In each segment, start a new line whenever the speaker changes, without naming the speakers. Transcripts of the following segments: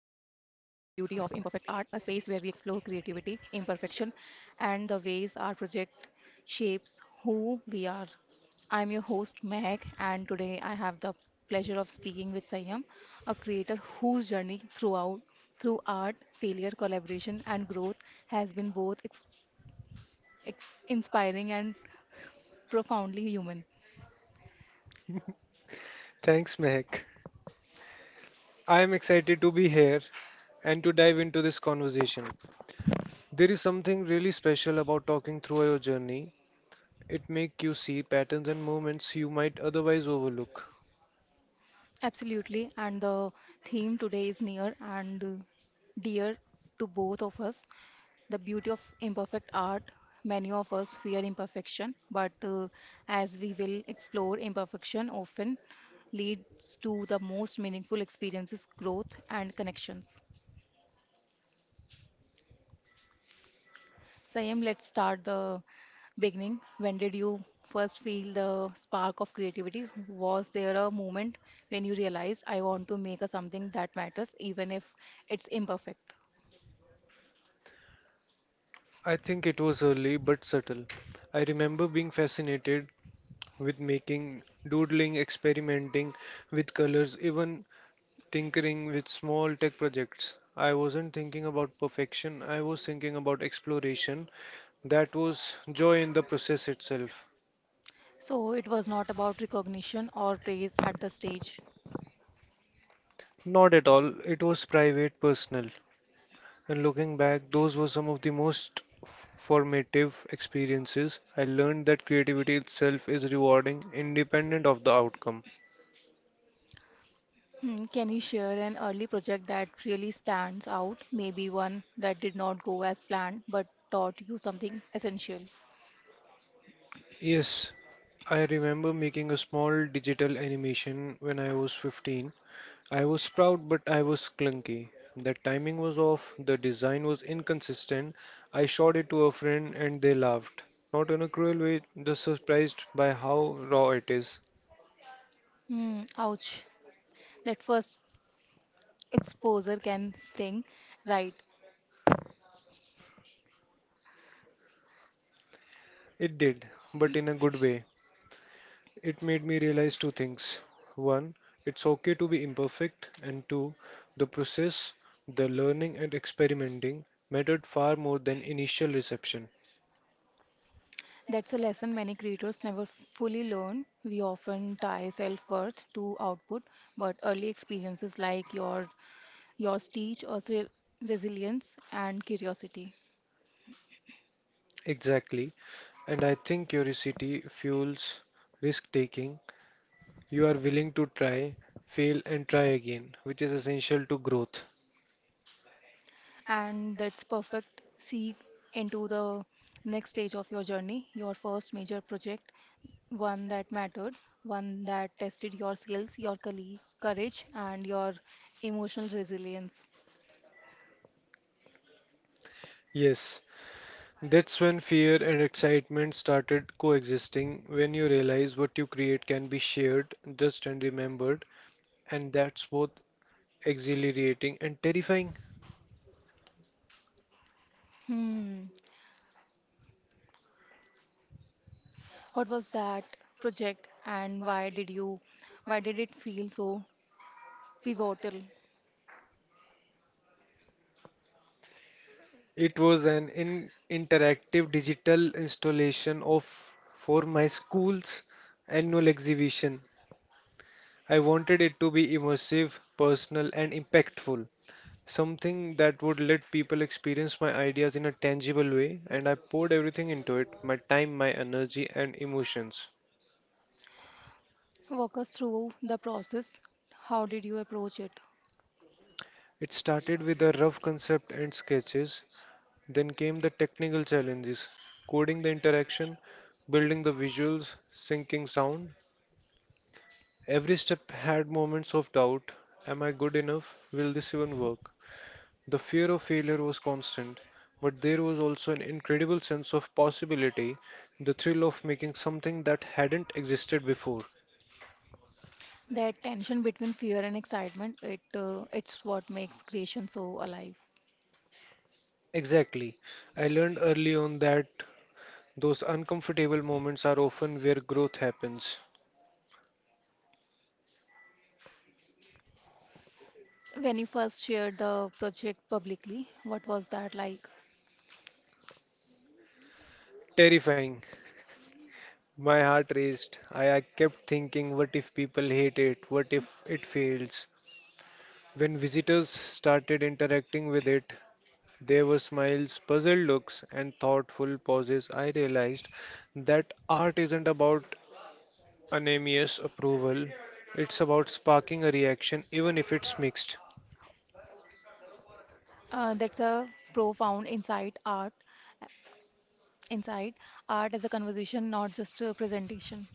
Beauty of Imperfect Art, a space where we explore creativity, imperfection, and the ways our project shapes who we are. I'm your host, Meg, and today I have the pleasure of speaking with Sayam, a creator whose journey throughout through art, failure, collaboration, and growth has been both inspiring and profoundly human.
Thanks, Mehak. I am excited to be here and to dive into this conversation. There is something really special about talking through your journey. It makes you see patterns and moments you might otherwise overlook.
Absolutely, and the theme today is near and dear to both of us, the beauty of imperfect art. Many of us fear imperfection, but as we will explore, imperfection often leads to the most meaningful experiences, growth, and connections. Sayam, let's start the beginning. When did you first feel the spark of creativity? Was there a moment when you realized I want to make a something that matters, even if it's imperfect?
I think it was early but subtle. I remember being fascinated with making, doodling, experimenting with colors, even tinkering with small tech projects. I wasn't thinking about perfection, I was thinking about exploration. That was joy in the process itself.
So it was not about recognition or praise at the stage.
Not at all. It was private, personal. And looking back, those were some of the most formative experiences. I learned that creativity itself is rewarding, independent of the outcome.
Hmm, can you share an early project that really stands out? Maybe one that did not go as planned but taught you something essential.
Yes, I remember making a small digital animation when I was 15. I was proud, but I was clunky. The timing was off, the design was inconsistent. I showed it to a friend and they laughed. Not in a cruel way, just surprised by how raw it is.
Hmm, ouch. That first exposure can sting, right?
It did, but in a good way. It made me realize two things. One, it's okay to be imperfect, and two, the process, the learning and experimenting mattered far more than initial reception.
That's a lesson many creators never fully learn. We often tie self-worth to output, but early experiences like yours teach us resilience and curiosity.
Exactly. And I think curiosity fuels risk taking. You are willing to try, fail, and try again, which is essential to growth.
And that's perfect seek into the next stage of your journey, your first major project, one that mattered, one that tested your skills, your colleague, courage, and your emotional resilience.
Yes, that's when fear and excitement started coexisting, when you realize what you create can be shared, just and remembered, and that's both exhilarating and terrifying.
Hmm. What was that project and why did it feel so pivotal?
It was an in interactive digital installation of for my school's annual exhibition. I wanted it to be immersive, personal, and impactful. Something that would let people experience my ideas in a tangible way, and I poured everything into it my time, my energy, and emotions.
Walk us through the process. How did you approach it?
It started with a rough concept and sketches, then came the technical challenges coding the interaction, building the visuals, syncing sound. Every step had moments of doubt am I good enough? Will this even work? The fear of failure was constant, but there was also an incredible sense of possibility, the thrill of making something that hadn't existed before.
That tension between fear and excitement, it's what makes creation so alive.
Exactly. I learned early on that those uncomfortable moments are often where growth happens.
When you first shared the project publicly, what was that like?
Terrifying. My heart raced. I kept thinking, what if people hate it? What if it fails? When visitors started interacting with it, there were smiles, puzzled looks, and thoughtful pauses. I realized that art isn't about anonymous approval, it's about sparking a reaction, even if it's mixed.
That's a profound insight, art as a conversation, not just a presentation.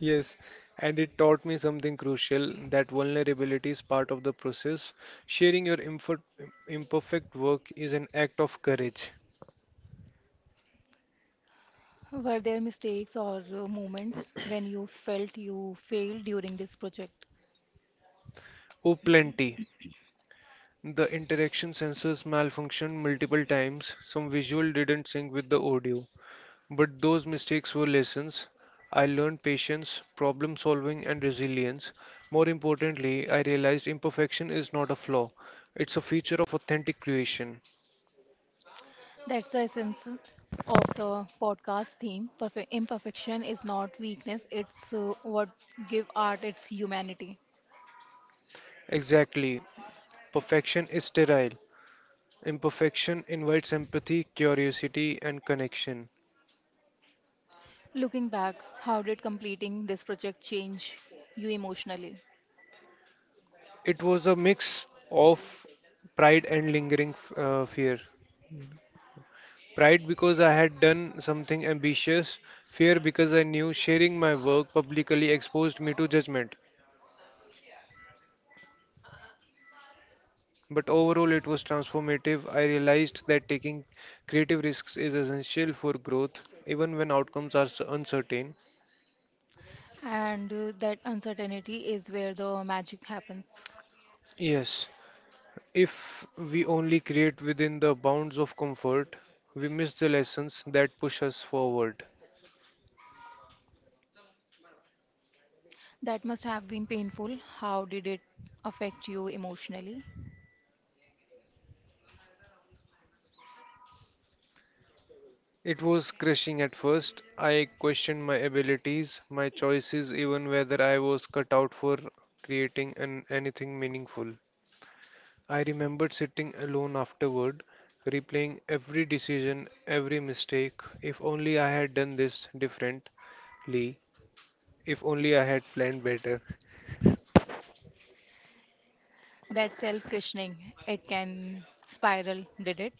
Yes, and it taught me something crucial that vulnerability is part of the process. Sharing your imperfect work is an act of courage.
Were there mistakes or moments when you felt you failed during this project?
Oh, plenty. The interaction sensors malfunctioned multiple times. Some visual didn't sync with the audio. But those mistakes were lessons. I learned patience, problem solving, and resilience. More importantly, I realized imperfection is not a flaw, it's a feature of authentic creation.
That's the essence of the podcast theme. Perfect imperfection is not weakness, it's what give art its humanity.
Exactly. Perfection is sterile. Imperfection invites empathy, curiosity, and connection.
Looking back, how did completing this project change you emotionally?
It was a mix of pride and lingering fear. Pride because I had done something ambitious, fear because I knew sharing my work publicly exposed me to judgment. But overall, it was transformative. I realized that taking creative risks is essential for growth, even when outcomes are uncertain.
And That uncertainty is where the magic happens.
Yes, if we only create within the bounds of comfort, we miss the lessons that push us forward.
That must have been painful. How did it affect you emotionally?
It was crushing at first. I questioned my abilities, my choices, even whether I was cut out for creating anything meaningful. I remembered sitting alone afterward, replaying every decision, every mistake. If only I had done this differently. If only I had planned better.
That self questioning, it can spiral, did it?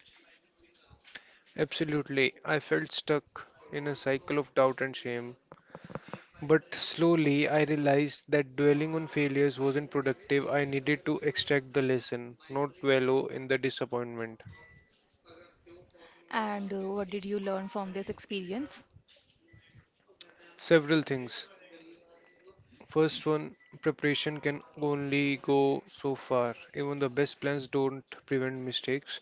Absolutely, I felt stuck in a cycle of doubt and shame. But slowly I realized that dwelling on failures wasn't productive. I needed to extract the lesson, not wallow in the disappointment.
And What did you learn from this experience?
Several things. First one, preparation can only go so far. Even the best plans don't prevent mistakes.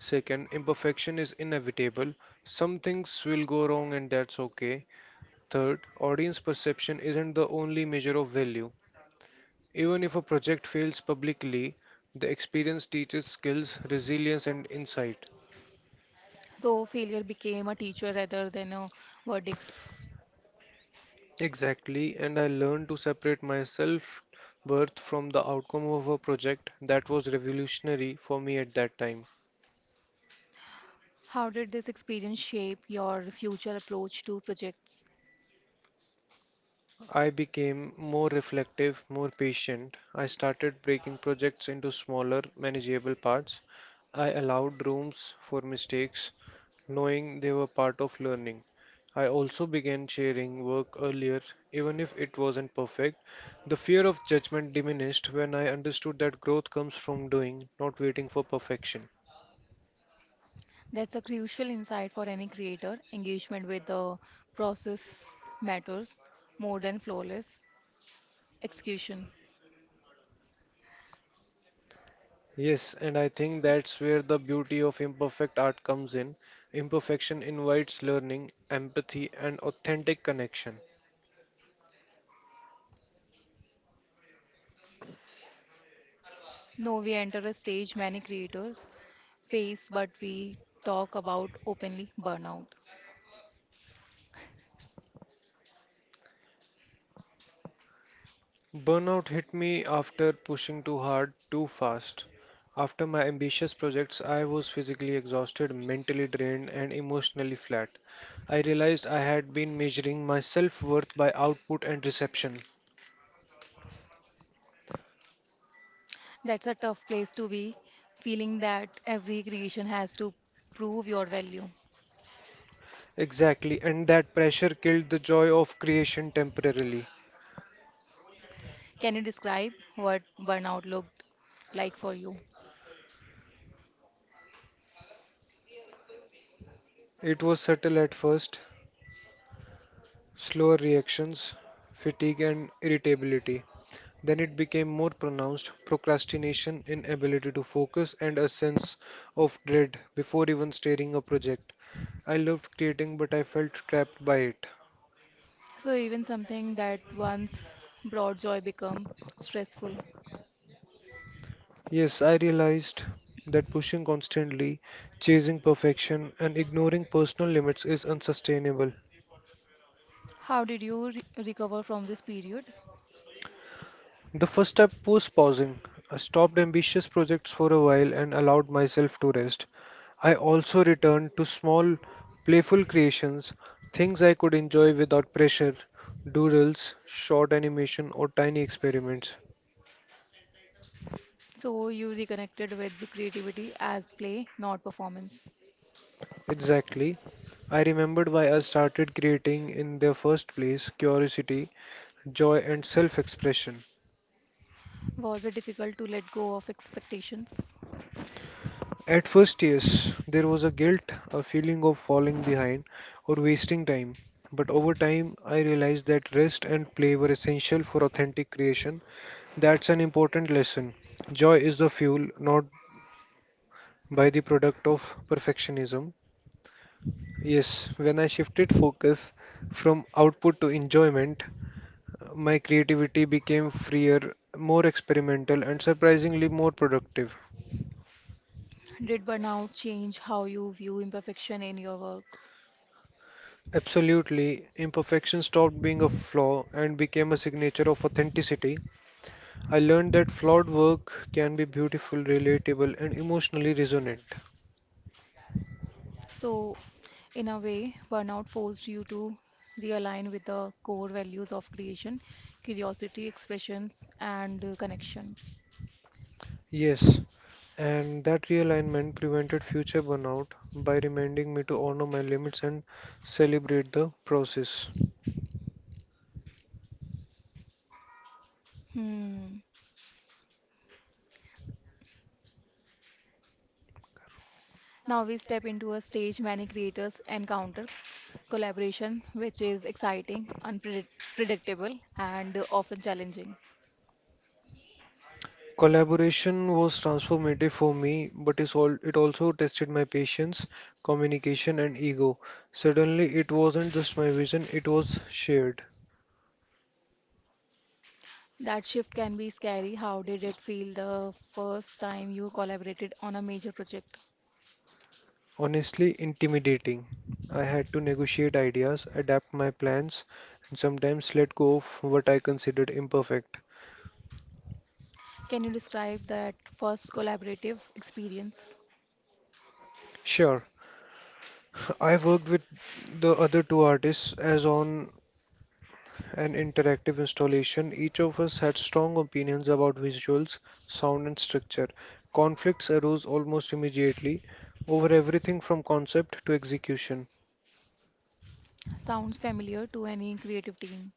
Second, imperfection is inevitable. Some things will go wrong and that's okay. Third, audience perception isn't the only measure of value. Even if a project fails publicly, the experience teaches skills, resilience, and insight.
So, failure became a teacher rather than a verdict.
Exactly, and I learned to separate myself worth from the outcome of a project that was revolutionary for me at that time.
How did this experience shape your future approach to projects?
I became more reflective, more patient. I started breaking projects into smaller, manageable parts. I allowed rooms for mistakes, knowing they were part of learning. I also began sharing work earlier, even if it wasn't perfect. The fear of judgment diminished when I understood that growth comes from doing, not waiting for perfection.
That's a crucial insight for any creator. Engagement with the process matters more than flawless execution.
Yes, and I think that's where the beauty of imperfect art comes in. Imperfection invites learning, empathy, and authentic connection.
No, we enter a stage many creators face, but we talk about openly burnout.
Burnout hit me after pushing too hard, too fast. After my ambitious projects, I was physically exhausted, mentally drained, and emotionally flat. I realized I had been measuring my self worth by output and reception.
That's a tough place to be, feeling that every creation has to prove your value.
Exactly, and that pressure killed the joy of creation temporarily.
Can you describe what burnout looked like for you?
It was subtle at first, slower reactions, fatigue, and irritability. Then it became more pronounced procrastination, inability to focus, and a sense of dread before even starting a project. I loved creating, but I felt trapped by it.
So even something that once brought joy become stressful.
Yes, I realized that pushing constantly, chasing perfection, and ignoring personal limits is unsustainable.
How did you recover from this period?
The first step was pausing. I stopped ambitious projects for a while and allowed myself to rest. I also returned to small, playful creations, things I could enjoy without pressure, doodles, short animation, or tiny experiments.
So you reconnected with the creativity as play, not performance.
Exactly. I remembered why I started creating in the first place curiosity, joy, and self expression.
Was it difficult to let go of expectations?
At first, yes, there was a guilt, a feeling of falling behind or wasting time. But over time, I realized that rest and play were essential for authentic creation. That's an important lesson. Joy is the fuel, not by the product of perfectionism. Yes, when I shifted focus from output to enjoyment, my creativity became freer, more experimental, and surprisingly more productive.
Did burnout change how you view imperfection in your work?
Absolutely. Imperfection stopped being a flaw and became a signature of authenticity. I learned that flawed work can be beautiful, relatable, and emotionally resonant.
So, in a way, burnout forced you to realign with the core values of creation, curiosity, expressions, and connections.
Yes, and that realignment prevented future burnout by reminding me to honor my limits and celebrate the process.
Hmm. Now we step into a stage many creators encounter collaboration, which is exciting, unpredictable, and often challenging.
Collaboration was transformative for me, but it also tested my patience, communication, and ego. Suddenly, it wasn't just my vision, it was shared.
That shift can be scary. How did it feel the first time you collaborated on a major project?
Honestly intimidating. I had to negotiate ideas, adapt my plans, and sometimes let go of what I considered imperfect.
Can you describe that first collaborative experience?
Sure, I worked with the other two artists as on an interactive installation. Each of us had strong opinions about visuals, sound, and structure. Conflicts arose almost immediately over everything from concept to execution.
Sounds familiar to any creative team.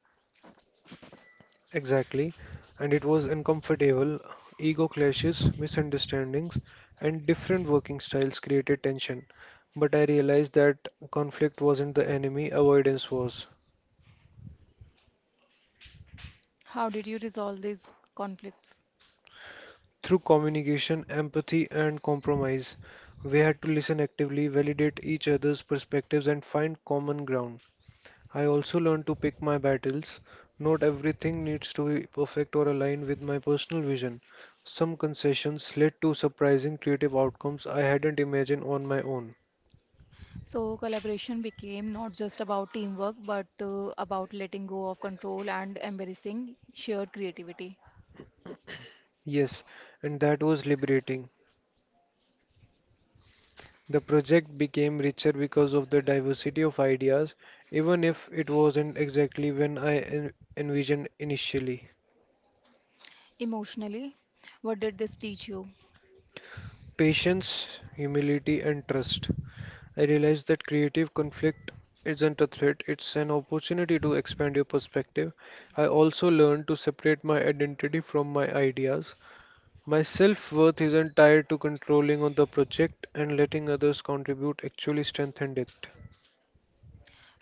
Exactly, and it was uncomfortable. Ego clashes, misunderstandings, and different working styles created tension. But I realized that conflict wasn't the enemy, avoidance was.
How did you resolve these conflicts?
Through communication, empathy, and compromise, we had to listen actively, validate each other's perspectives, and find common ground. I also learned to pick my battles. Not everything needs to be perfect or align with my personal vision. Some concessions led to surprising creative outcomes I hadn't imagined on my own.
So, collaboration became not just about teamwork, but about letting go of control and embracing shared creativity.
Yes, and that was liberating. The project became richer because of the diversity of ideas, even if it wasn't exactly when I envisioned initially.
Emotionally, what did this teach you?
Patience, humility, and trust. I realized that creative conflict isn't a threat, it's an opportunity to expand your perspective. I also learned to separate my identity from my ideas. My self worth isn't tied to controlling on the project and letting others contribute actually strengthened it.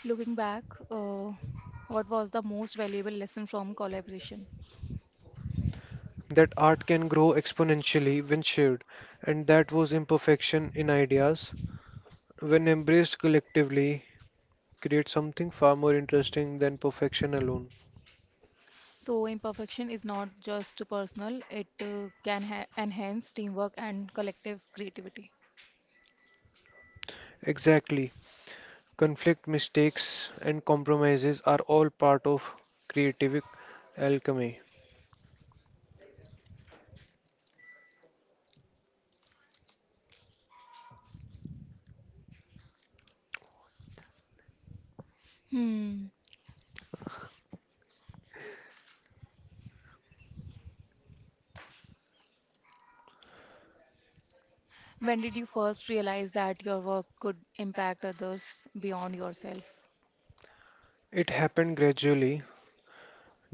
Looking back, uh, what was the most valuable lesson from collaboration?
That art can grow exponentially when shared, and that was imperfection in ideas. When embraced collectively, create something far more interesting than perfection alone.
So, imperfection is not just personal, it enhance teamwork and collective creativity.
Exactly. Conflict, mistakes, and compromises are all part of creative alchemy.
Hmm. When did you first realize that your work could impact others beyond yourself?
It happened gradually.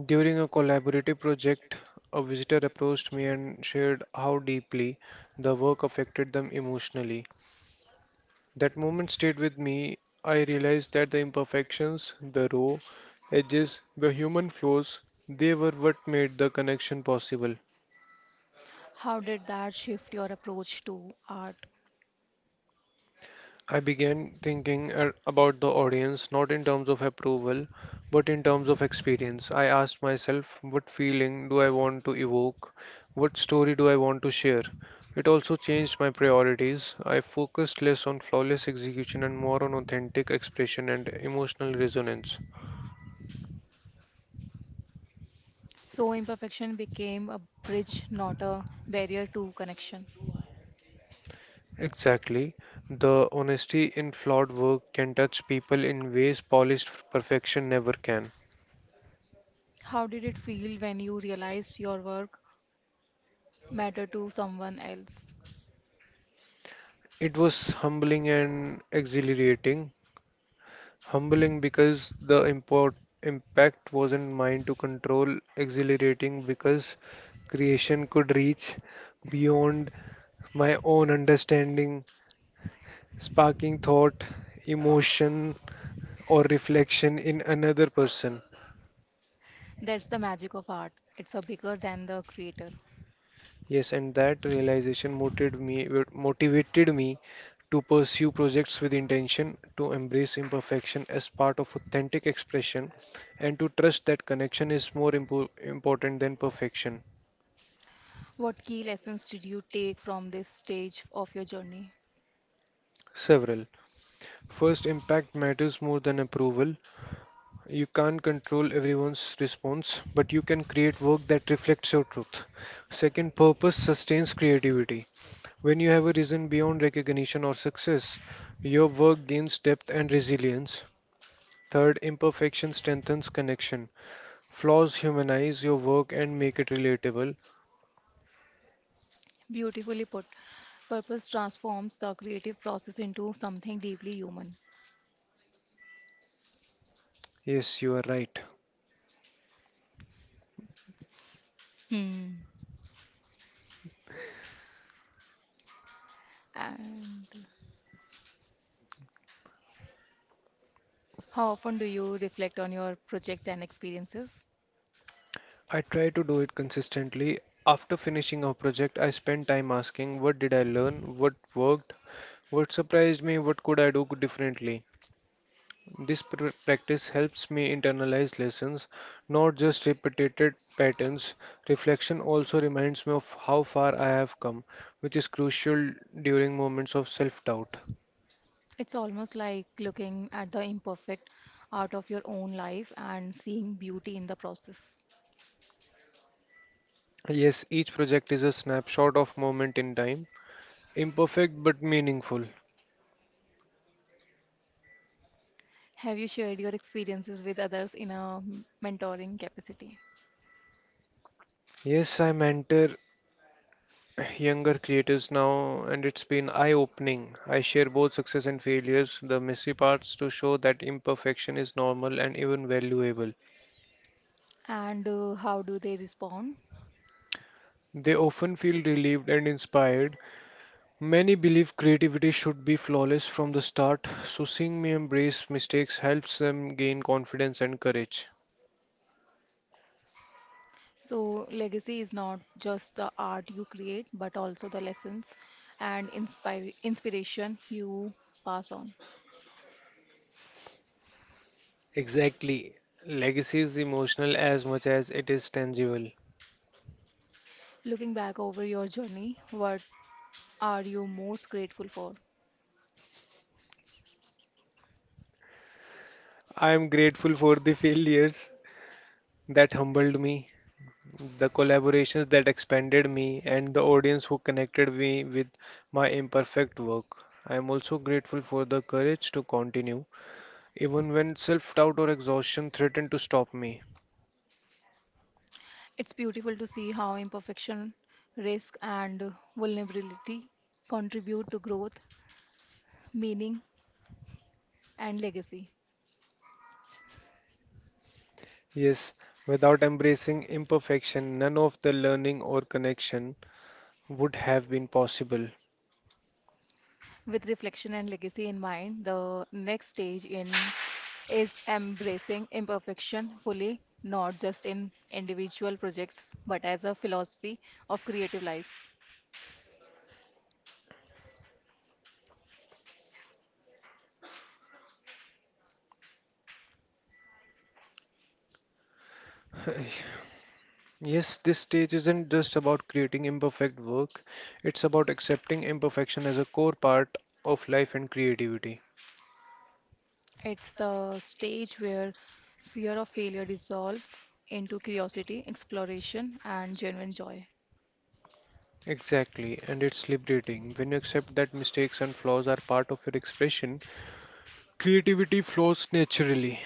During a collaborative project, a visitor approached me and shared how deeply the work affected them emotionally. That moment stayed with me. I realized that the imperfections, the raw edges, the human flaws, they were what made the connection possible.
How did that shift your approach to art?
I began thinking about the audience not in terms of approval but in terms of experience. I asked myself, what feeling do I want to evoke? What story do I want to share? It also changed my priorities. I focused less on flawless execution and more on authentic expression and emotional resonance.
So, imperfection became a bridge, not a barrier to connection.
Exactly. The honesty in flawed work can touch people in ways polished perfection never can.
How did it feel when you realized your work mattered to someone else?
It was humbling and exhilarating. Humbling because the impact wasn't mine to control, exhilarating because creation could reach beyond my own understanding, sparking thought, emotion, or reflection in another person.
That's the magic of art. It's a bigger than the creator.
Yes, and that realization motivated me to pursue projects with intention, to embrace imperfection as part of authentic expression, and to trust that connection is more important than perfection.
What key lessons did you take from this stage of your journey?
Several. First, impact matters more than approval. You can't control everyone's response, but you can create work that reflects your truth. Second, purpose sustains creativity. When you have a reason beyond recognition or success, your work gains depth and resilience. Third, imperfection strengthens connection. Flaws humanize your work and make it relatable.
Beautifully put. Purpose transforms the creative process into something deeply human.
Yes, you are right.
Hmm. And how often do you reflect on your projects and experiences?
I try to do it consistently. After finishing a project, I spend time asking what did I learn, what worked, what surprised me, what could I do differently. This practice helps me internalize lessons, not just repeated patterns. Reflection also reminds me of how far I have come, which is crucial during moments of self doubt.
It's almost like looking at the imperfect out of your own life and seeing beauty in the process.
Yes, each project is a snapshot of moment in time, imperfect but meaningful.
Have you shared your experiences with others in a mentoring capacity?
Yes, I mentor younger creators now, and it's been eye-opening. I share both success and failures, the messy parts to show that imperfection is normal and even valuable.
And how do they respond?
They often feel relieved and inspired. Many believe creativity should be flawless from the start, so seeing me embrace mistakes helps them gain confidence and courage.
So, legacy is not just the art you create, but also the lessons and inspiration you pass on.
Exactly. Legacy is emotional as much as it is tangible.
Looking back over your journey, what are you most grateful for?
I am grateful for the failures that humbled me, the collaborations that expanded me, and the audience who connected me with my imperfect work. I am also grateful for the courage to continue, even when self doubt or exhaustion threatened to stop me.
It's beautiful to see how imperfection, risk, and vulnerability contribute to growth, meaning, and legacy.
Yes, without embracing imperfection, none of the learning or connection would have been possible.
With reflection and legacy in mind, the next stage in is embracing imperfection fully, not just in individual projects, but as a philosophy of creative life.
Yes, this stage isn't just about creating imperfect work, it's about accepting imperfection as a core part of life and creativity.
It's the stage where fear of failure dissolves into curiosity, exploration, and genuine joy.
Exactly, and it's liberating when you accept that mistakes and flaws are part of your expression. Creativity flows naturally.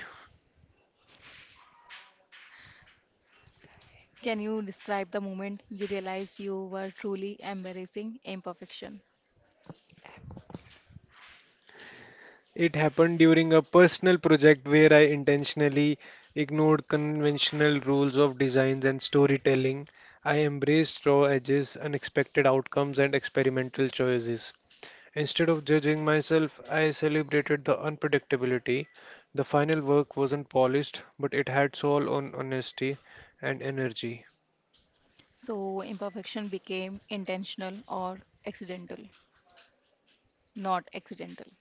Can you describe the moment you realized you were truly embracing imperfection?
It happened during a personal project where I intentionally ignored conventional rules of designs and storytelling. I embraced raw edges, unexpected outcomes, and experimental choices. Instead of judging myself, I celebrated the unpredictability. The final work wasn't polished, but it had soul on honesty and energy.
So, imperfection became intentional or accidental, not accidental.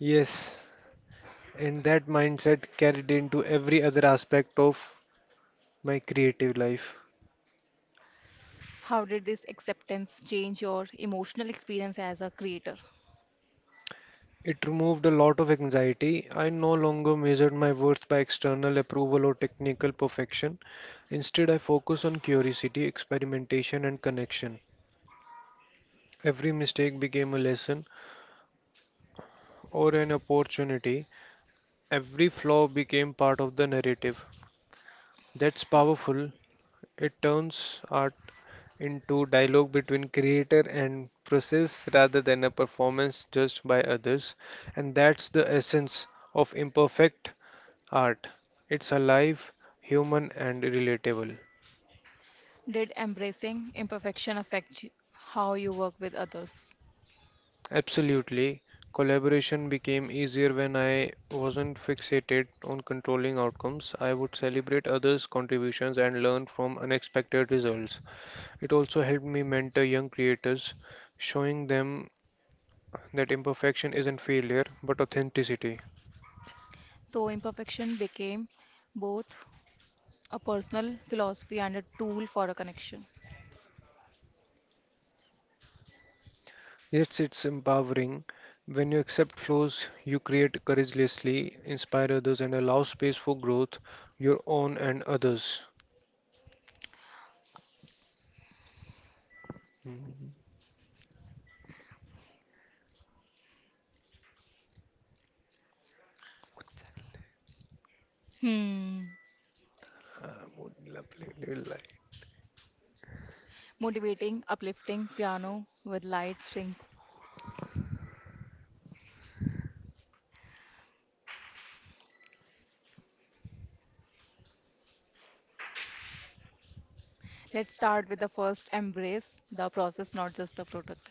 Yes. And that mindset carried into every other aspect of my creative life.
How did this acceptance change your emotional experience as a creator?
It removed a lot of anxiety. I no longer measured my worth by external approval or technical perfection. Instead, I focused on curiosity, experimentation, and connection. Every mistake became a lesson or an opportunity. Every flaw became part of the narrative. That's powerful. It turns art into dialogue between creator and process rather than a performance judged by others, and that's the essence of imperfect art. It's alive, human, and relatable.
Did embracing imperfection affect how you work with others?
Absolutely. Collaboration became easier when I wasn't fixated on controlling outcomes. I would celebrate others' contributions and learn from unexpected results. It also helped me mentor young creators, showing them that imperfection isn't failure but authenticity.
So, imperfection became both a personal philosophy and a tool for a connection.
Yes, it's empowering. When you accept flaws, you create courageously, inspire others, and allow space for growth, your own and others. Hmm.
Hmm.
Ah, mood lovely, little light.
Motivating, uplifting piano with light strings. Let's start with the first embrace the process, not just the product.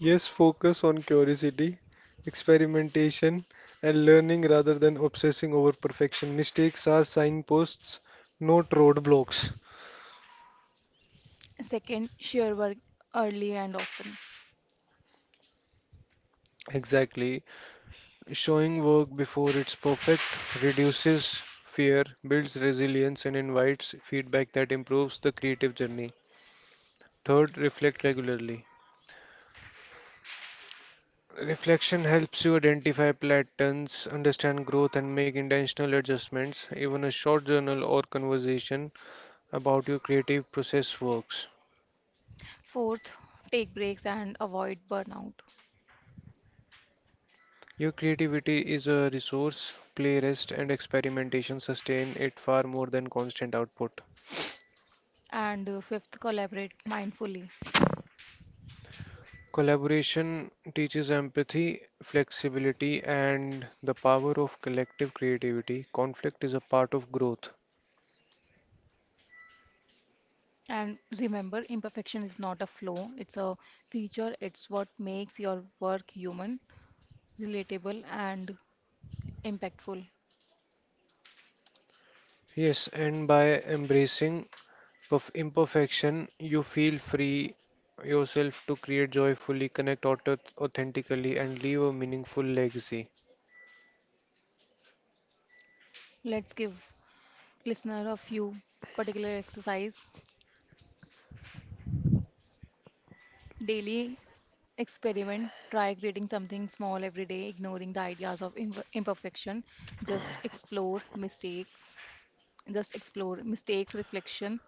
Yes, focus on curiosity, experimentation, and learning rather than obsessing over perfection. Mistakes are signposts, not roadblocks.
Second, share work early and often.
Exactly. Showing work before it's perfect reduces fear, builds resilience, and invites feedback that improves the creative journey. Third, reflect regularly. Reflection helps you identify patterns, understand growth, and make intentional adjustments. Even a short journal or conversation about your creative process works.
Fourth, take breaks and avoid burnout.
Your creativity is a resource, play, rest, and experimentation sustain it far more than constant output.
And fifth, collaborate mindfully.
Collaboration teaches empathy, flexibility, and the power of collective creativity. Conflict is a part of growth.
And remember, imperfection is not a flaw, it's a feature, it's what makes your work human, relatable, and impactful.
Yes, and by embracing imperfection, you feel free yourself to create joyfully, connect authentically, and leave a meaningful legacy.
Let's give listener a few particular exercise. Daily experiment, try creating something small every day, ignoring the ideas of imperfection. Just explore mistake, just explore mistakes, reflection,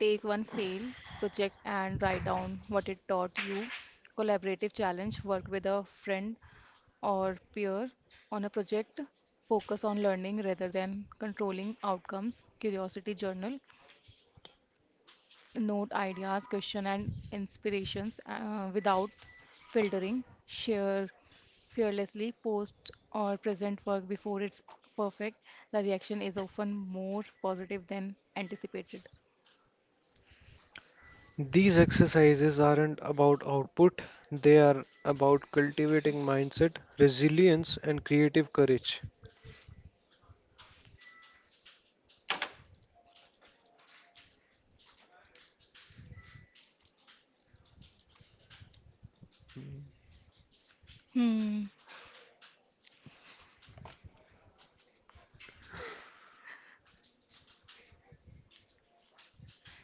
take one failed project and write down what it taught you. Collaborative challenge work with a friend or peer on a project. Focus on learning rather than controlling outcomes. Curiosity journal. Note ideas, question, and inspirations without filtering. Share fearlessly. Post or present work before it's perfect. The reaction is often more positive than anticipated.
These exercises aren't about output, they are about cultivating mindset, resilience, and creative courage.
Hmm.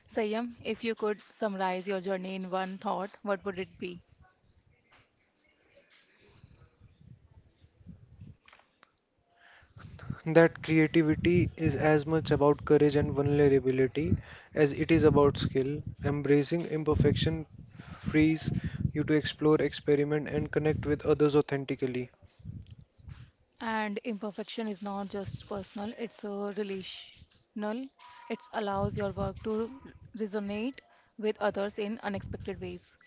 Sayam, if you could summarize your journey in one thought, what would it be?
That creativity is as much about courage and vulnerability as it is about skill. Embracing imperfection frees you to explore, experiment, and connect with others authentically.
And imperfection is not just personal, it's a relational. It allows your work to resonate with others in unexpected ways.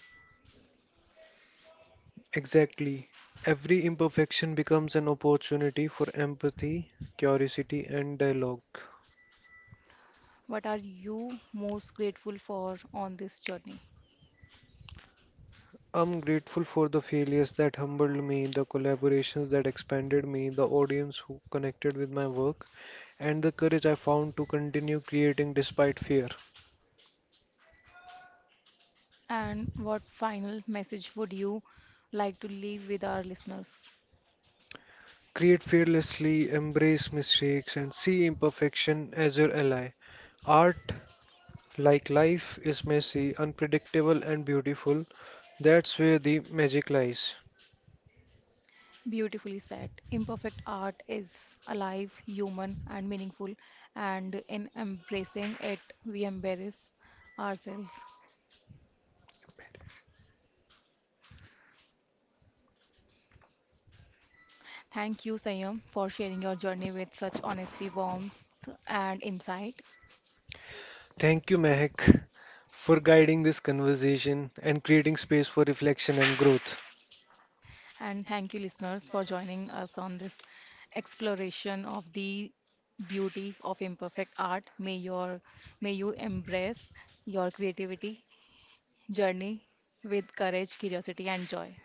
Exactly. Every imperfection becomes an opportunity for empathy, curiosity, and dialogue.
What are you most grateful for on this journey?
I'm grateful for the failures that humbled me, the collaborations that expanded me, the audience who connected with my work, and the courage I found to continue creating despite fear.
And what final message would you like to leave with our listeners?
Create fearlessly, embrace mistakes, and see imperfection as your ally. Art, like life, is messy, unpredictable, and beautiful. That's where the magic lies.
Beautifully said. Imperfect art is alive, human, and meaningful, and in embracing it, we embrace ourselves. Thank you, Sayam, for sharing your journey with such honesty, warmth, and insight.
Thank you, Mehak, for guiding this conversation and creating space for reflection and growth.
And thank you, listeners, for joining us on this exploration of the beauty of imperfect art. May you embrace your creativity journey with courage, curiosity, and joy.